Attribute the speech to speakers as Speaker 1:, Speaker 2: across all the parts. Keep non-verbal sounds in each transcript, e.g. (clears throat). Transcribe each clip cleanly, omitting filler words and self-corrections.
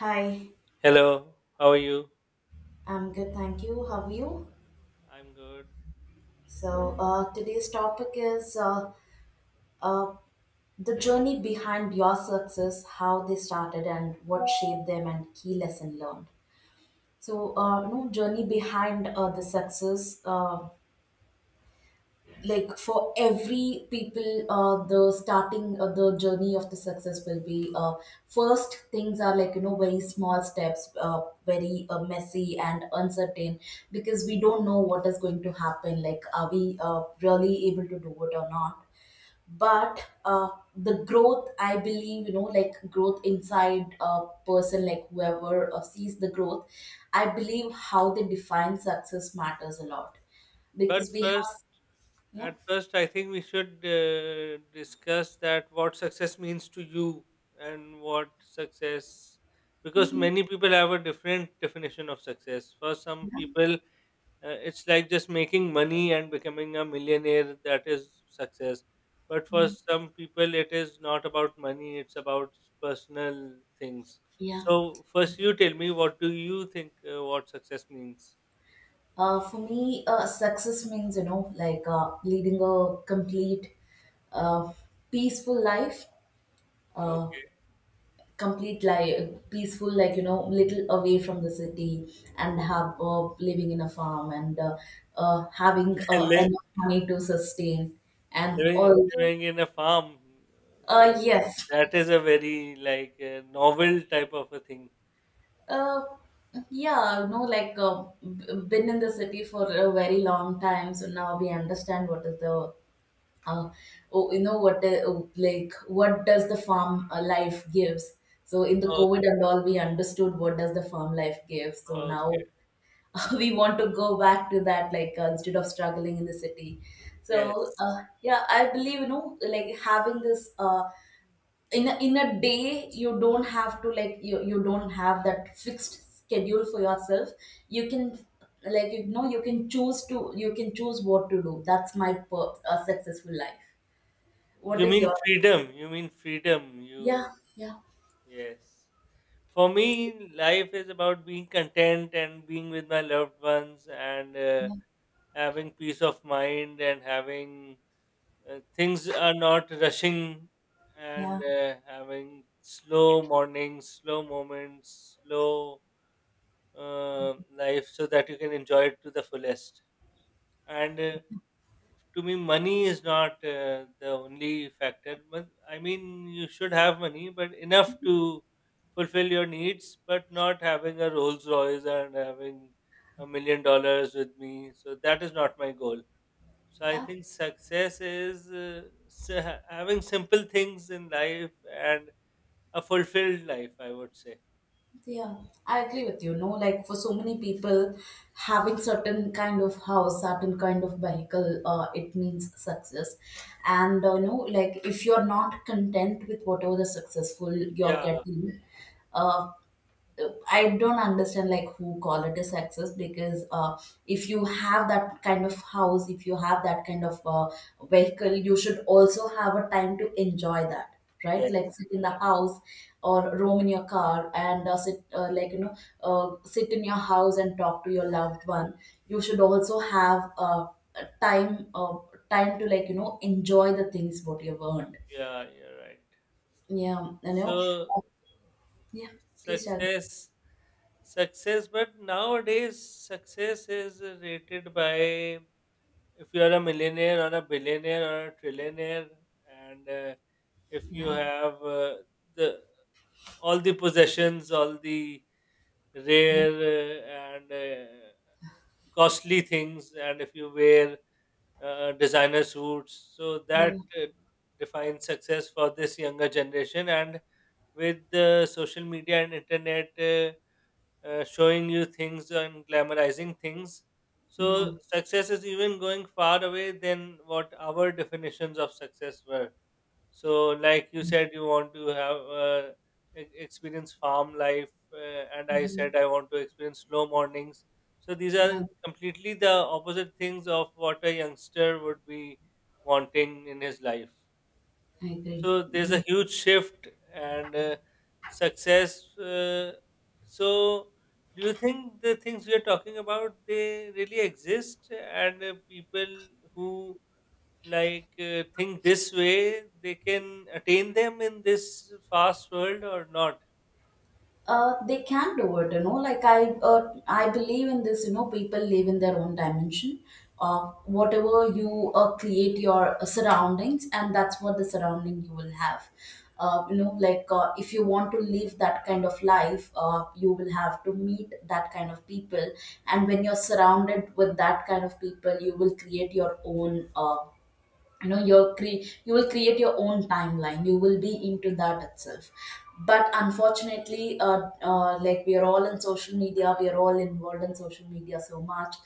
Speaker 1: Hi,
Speaker 2: Hello, how are you?
Speaker 1: I'm good, thank you. How are you?
Speaker 2: I'm good.
Speaker 1: So, today's topic is uh, the journey behind your success, how they started, and what shaped them, and key lesson learned. So, you know, journey behind the success. Like for every people the starting the journey of the success will be first things are like you know very small steps, very messy and uncertain, because we don't know what is going to happen, like are we really able to do it or not. But the growth, I believe, you know, like growth inside a person, like whoever sees the growth, I believe how they define success matters a lot,
Speaker 2: But
Speaker 1: because we
Speaker 2: first,
Speaker 1: have. Yeah.
Speaker 2: at first, I think we should discuss that what success means to you and what success, because
Speaker 1: Mhm.
Speaker 2: many people have a different definition of success. For some
Speaker 1: Yeah.
Speaker 2: people, it's like just making money and becoming a millionaire, that is success. But for
Speaker 1: Mm.
Speaker 2: some people, it is not about money, it's about personal things.
Speaker 1: Yeah.
Speaker 2: So, first, you tell me, what do you think what success means?
Speaker 1: For me, success means, you know, like leading a complete, uh, peaceful life, uh,
Speaker 2: Okay.
Speaker 1: complete life, peaceful, like, you know, little away from the city and have living in a farm and having
Speaker 2: (laughs) Li-
Speaker 1: enough money to sustain and
Speaker 2: living
Speaker 1: all.
Speaker 2: living in a farm, so
Speaker 1: Yes.
Speaker 2: that is a very like novel type of a thing.
Speaker 1: Uh, yeah, no, like been in the city for a very long time, so now we understand what is the uh, oh, you know what the, oh, like what does the farm life gives. So in the COVID
Speaker 2: Okay.
Speaker 1: and all, we understood what does the farm life give. So now
Speaker 2: Okay.
Speaker 1: (laughs) we want to go back to that, like instead of struggling in the city. So
Speaker 2: Yes.
Speaker 1: yeah, I believe you know, like having this, in a day you don't have to, like you don't have that fixed schedule for yourself. You can, like you know, you can choose to, you can choose what to do. That's my successful life. What
Speaker 2: You
Speaker 1: is
Speaker 2: mean
Speaker 1: your?
Speaker 2: freedom. You mean freedom. You
Speaker 1: Yeah, yeah,
Speaker 2: yes. For me, life is about being content and being with my loved ones and
Speaker 1: yeah,
Speaker 2: having peace of mind and having things are not rushing,
Speaker 1: yeah.
Speaker 2: and having slow mornings, slow moments, slow life so that you can enjoy it to the fullest. And to me, money is not the only factor. But I mean, you should have money, but enough to fulfill your needs, but not having a Rolls Royce and having $1 million with me. So that is not my goal. So I
Speaker 1: Yeah.
Speaker 2: think success is having simple things in life and a fulfilled life, I would say.
Speaker 1: Yeah, I agree with you. No, like for so many people, having certain kind of house, certain kind of vehicle, it means success. And no, like if you're not content with whatever the successful you're
Speaker 2: Yeah.
Speaker 1: getting, uh, I don't understand like who call it a success, because if you have that kind of house, if you have that kind of vehicle, you should also have a time to enjoy that, right?
Speaker 2: Yes.
Speaker 1: Like sit in the house
Speaker 2: Yeah.
Speaker 1: or roam in your car and sit, like you know, sit in your house and talk to your loved one. You should also have a time, time to like you know enjoy the things what you've earned.
Speaker 2: Yeah. You're right.
Speaker 1: Yeah, you know.
Speaker 2: So
Speaker 1: Uh, Yeah, please tell me.
Speaker 2: success. Success. But nowadays, success is rated by if you are a millionaire or a billionaire or a trillionaire, and if you
Speaker 1: Yeah,
Speaker 2: have the all the possessions, all the
Speaker 1: yeah,
Speaker 2: rare and costly things, and if you wear designer suits, so that
Speaker 1: yeah.
Speaker 2: defines success for this younger generation. And with the social media and internet showing you things and glamorizing things, so
Speaker 1: Yeah.
Speaker 2: success is even going far away than what our definitions of success were. So, like you said, you want to experience farm life, and I
Speaker 1: Mhm.
Speaker 2: said I want to experience slow mornings. So these are completely the opposite things of what a youngster would be wanting in his life.
Speaker 1: I agree.
Speaker 2: So there's a
Speaker 1: Mhm.
Speaker 2: huge shift, and success. So do you think the things we are talking about, they really exist, and people who like think this way, they can attain them in this fast world or not?
Speaker 1: They can do it, you know, like I believe in this, you know, people live in their own dimension. uh, whatever you create your surroundings, and that's what the surrounding you will have. You know, like if you want to live that kind of life, you will have to meet that kind of people. And when you're surrounded with that kind of people, you will create your own, uh, you know, your you will create your own timeline, you will be into that itself. But unfortunately, like we are all in social media, we are all involved in social media so much,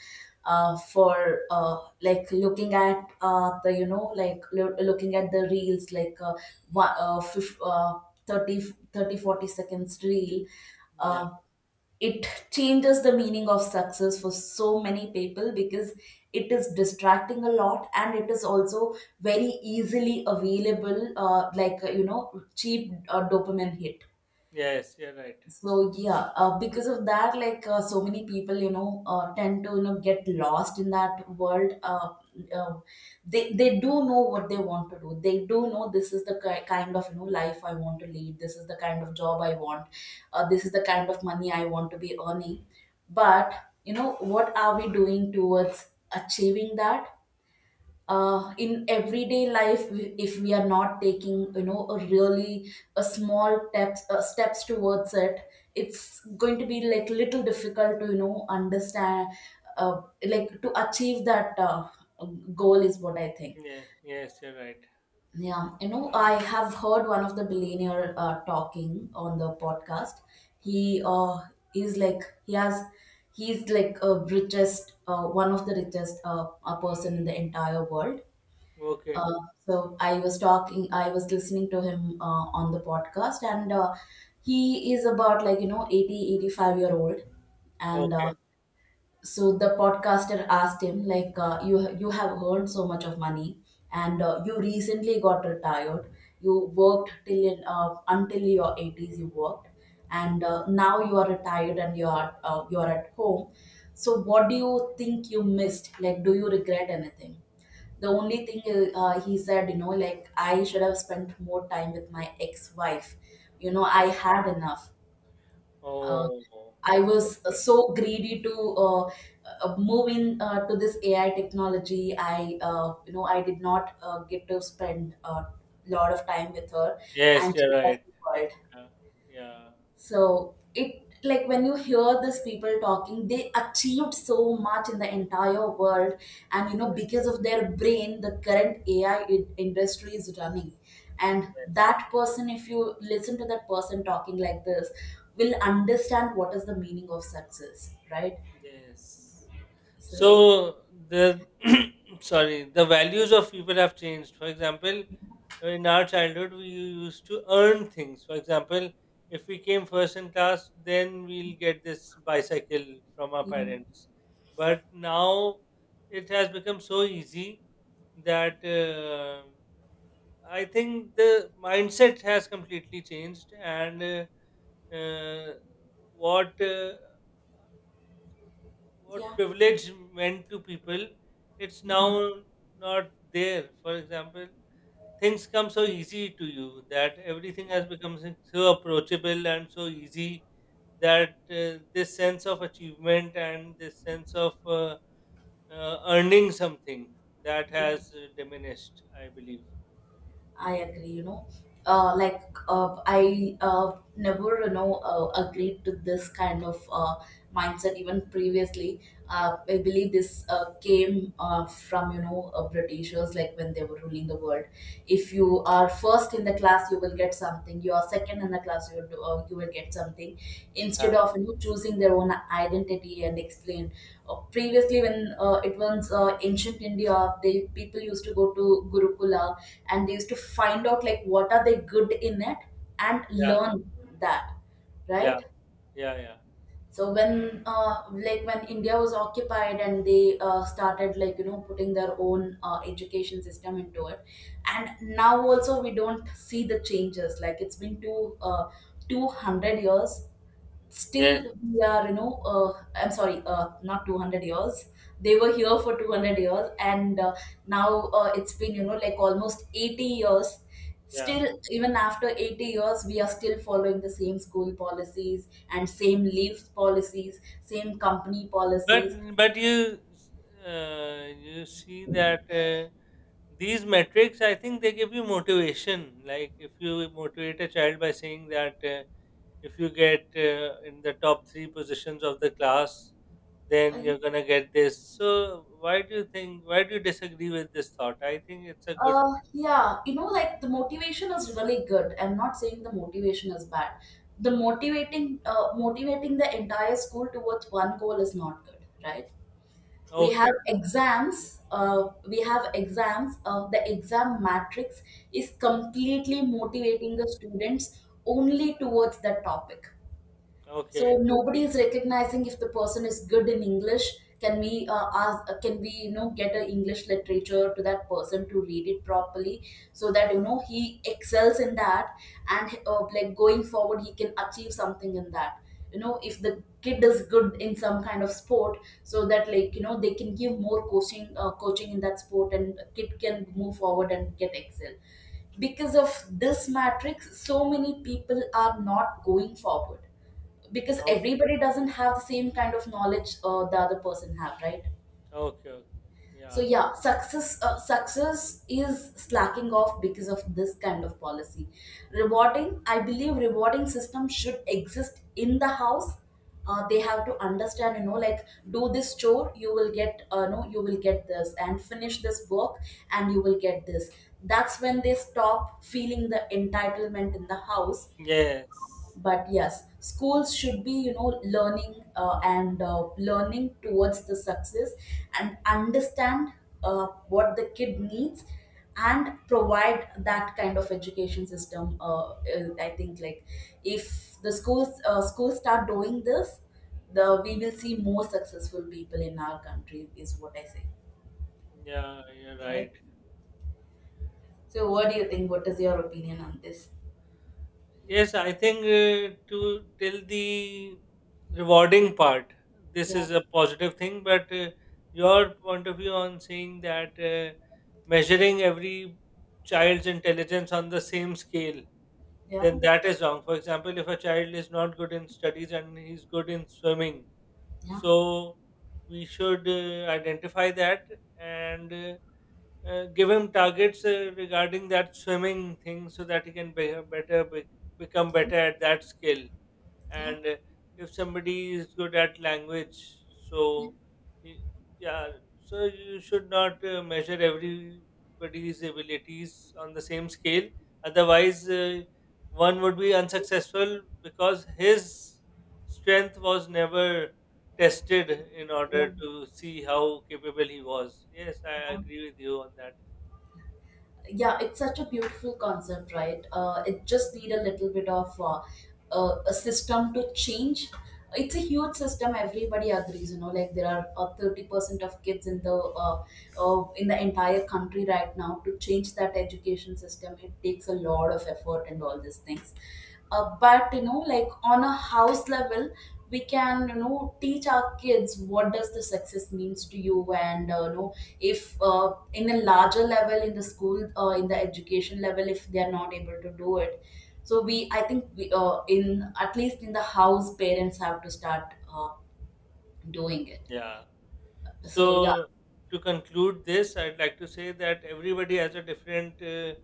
Speaker 1: for like looking at the, you know, like looking at the reels, like one, fif- 30 30 forty seconds reel,
Speaker 2: Yeah,
Speaker 1: um, it changes the meaning of success for so many people, because it is distracting a lot, and it is also very easily available, like you know, cheap dopamine hit.
Speaker 2: yes, you're right.
Speaker 1: So yeah, because of that, like so many people, you know, tend to you know get lost in that world. Uh, they do know what they want to do. They do know, this is the kind of, you know, life I want to lead. This is the kind of job I want. This is the kind of money I want to be earning. But you know, what are we doing towards achieving that? In everyday life, if we are not taking you know a really a small steps, steps towards it, it's going to be like little difficult to you know understand, uh, like to achieve that, goal is what I think.
Speaker 2: Yeah, yes, you're right.
Speaker 1: Yeah, you know, I have heard one of the billionaire talking on the podcast. He is like, he has, he's like a richest, one of the richest a person in the entire world.
Speaker 2: Okay,
Speaker 1: uh, so I was talking, I was listening to him on the podcast, and he is about like, you know, 80, 85-year old. And
Speaker 2: okay.
Speaker 1: so the podcaster asked him, like, you have earned so much of money, and you recently got retired. You worked till in, until your 80s, you worked, and now you are retired and you are at home. So what do you think you missed? Like, do you regret anything? The only thing is, he said, you know, like I should have spent more time with my ex-wife. You know, I
Speaker 2: Oh.
Speaker 1: had enough. Uh,
Speaker 2: Oh,
Speaker 1: I was
Speaker 2: okay.
Speaker 1: so greedy to move in to this AI technology, I you know, I did not get to spend a lot of time with her,
Speaker 2: Yes,
Speaker 1: and
Speaker 2: you're
Speaker 1: she has
Speaker 2: right.
Speaker 1: the world.
Speaker 2: Yeah, yeah.
Speaker 1: So it like when you hear these people talking, they achieved so much in the entire world, and you know because
Speaker 2: Yes.
Speaker 1: of their brain, the current AI industry is running. And
Speaker 2: Yes.
Speaker 1: that person, if you listen to that person talking like this, will understand what is the meaning of success, right?
Speaker 2: Yes.
Speaker 1: So
Speaker 2: So the (clears throat) sorry, the values of people have changed. For example, in our childhood, we used to earn things. For example, if we came first in class, then we'll get this bicycle from our
Speaker 1: yeah,
Speaker 2: parents. But now it has become so easy that I think the mindset has completely changed, and uh, what uh, what
Speaker 1: yeah,
Speaker 2: privilege meant to people, it's now
Speaker 1: no.
Speaker 2: not there. For example, things come so easy to you that everything has become so approachable and so easy that this sense of achievement and this sense of earning something, that has diminished, I believe.
Speaker 1: I agree, you know. Like I never, you know, agreed to this kind of mindset even previously. I believe this came from, you know, Britishers, like when they were ruling the world. If you are first in the class, you will get something. You are second in the class, you will do, you will get something. Instead
Speaker 2: Yeah.
Speaker 1: of, you know, choosing their own identity and explain. Previously, when it was ancient India, they people used to go to Gurukula and they used to find out like what are they good in it, and
Speaker 2: Yeah.
Speaker 1: learn that,
Speaker 2: Yeah.
Speaker 1: right?
Speaker 2: Yeah. Yeah.
Speaker 1: So when like when India was occupied, and they started like, you know, putting their own education system into it. And now also we don't see the changes, like it's been two 200 years.
Speaker 2: Yes.
Speaker 1: Still we are, you know, I'm sorry, not 200 years, they were here for 200 years. And now it's been, you know, like almost 80 years.
Speaker 2: Yeah.
Speaker 1: Still even after 80 years, we are still following the same school policies and same leave policies, same company
Speaker 2: But
Speaker 1: policies.
Speaker 2: but you, you see that these metrics, I think they give you motivation. Like if you motivate a child by saying that if you get in the top three positions of the class,
Speaker 1: uh,
Speaker 2: then you're gonna get this. So why do you think? Why do you disagree with this thought? I think it's a good.
Speaker 1: yeah, you know, like the motivation is really good, I'm not saying the motivation is bad. The motivating the entire school towards one goal is not good, right? We
Speaker 2: Okay,
Speaker 1: have exams, we have exams, the exam matrix is completely motivating the students only towards the topic. So
Speaker 2: okay,
Speaker 1: nobody is recognizing if the person is good in English, can we ask, can we, you know, get a English literature to that person to read it properly, so that you know he excels in that, and like going forward he can achieve something in that. You know, if the kid is good in some kind of sport, so that like, you know, they can give more coaching, coaching in that sport, and kid can move forward and get excel. Because of this matrix, so many people are not going forward, because
Speaker 2: okay,
Speaker 1: everybody doesn't have the same kind of knowledge the other person have, right?
Speaker 2: okay, okay.
Speaker 1: So
Speaker 2: Yeah.
Speaker 1: yeah, success, success is slacking off because of this kind of policy. Rewarding, I believe, rewarding system should exist in the house. They have to understand, you know, like, do this chore you will get, no you will get this, and finish this work and you will get this. That's when they stop feeling the entitlement in the house.
Speaker 2: Yes.
Speaker 1: But yes, schools should be, you know, learning, and learning towards the success, and understand what the kid needs, and provide that kind of education system. I think like, if the schools start doing this, the we will see more successful people in our country, is what I say,
Speaker 2: Yeah, you're
Speaker 1: right?
Speaker 2: right.
Speaker 1: So what do you think, what is your opinion on this?
Speaker 2: Yes, I think to till the rewarding part, this
Speaker 1: Yeah,
Speaker 2: is a positive thing. But your point of view on saying that measuring every child's intelligence on the same scale,
Speaker 1: yeah,
Speaker 2: then that is wrong. For example, if a child is not good in studies and he's good in swimming,
Speaker 1: yeah,
Speaker 2: so we should identify that. And. Give him targets regarding that swimming thing so that he can become better at that skill.
Speaker 1: yeah,
Speaker 2: And if somebody is good at language, so he- yeah, so you should not measure everybody's abilities on the same scale, otherwise one would be unsuccessful because his strength was never tested in
Speaker 1: yeah,
Speaker 2: order to see how capable he was. Yes, I
Speaker 1: yeah.
Speaker 2: agree with you on that.
Speaker 1: Yeah, it's such a beautiful concept, right? It just need a little bit of a system to change. It's a huge system, everybody agrees, you know, like there are 30% of kids in the entire country right now. To change that education system, it takes a lot of effort and all these things. But you know, like on a house level, we can you know teach our kids what does the success means to you. And you know, if in a larger level in the school, in the education level, if they are not able to do it, so we I think we, in at least in the house, parents have to start doing it.
Speaker 2: Yeah.
Speaker 1: So yeah.
Speaker 2: So to conclude this, I'd like to say that everybody has a different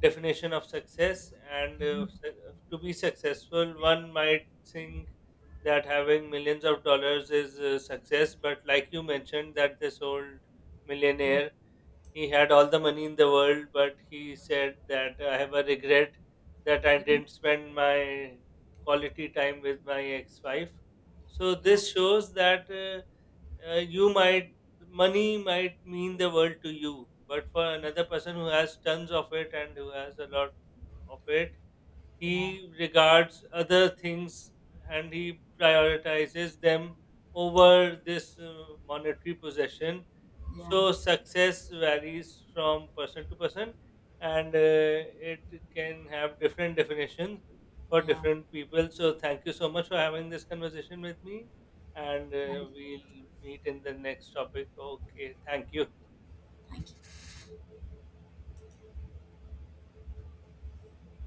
Speaker 2: definition of success, and to be successful, one might think that having millions of dollars is success. But like you mentioned, that this old millionaire, he had all the money in the world, but he said that I have a regret that I didn't spend my quality time with my ex-wife. So
Speaker 1: Yeah,
Speaker 2: this shows that. You might money might mean the world to you, but for another person who has tons of it and who has a lot of it, he
Speaker 1: yeah,
Speaker 2: regards other things and he prioritizes them
Speaker 1: yeah,
Speaker 2: over this monetary possession.
Speaker 1: yeah,
Speaker 2: So success varies from person to person, and it can have different definitions for
Speaker 1: yeah.
Speaker 2: different people. So thank you so much for having this conversation with me, and
Speaker 1: And
Speaker 2: we'll meet in the next topic. Okay, thank you.
Speaker 1: thank you.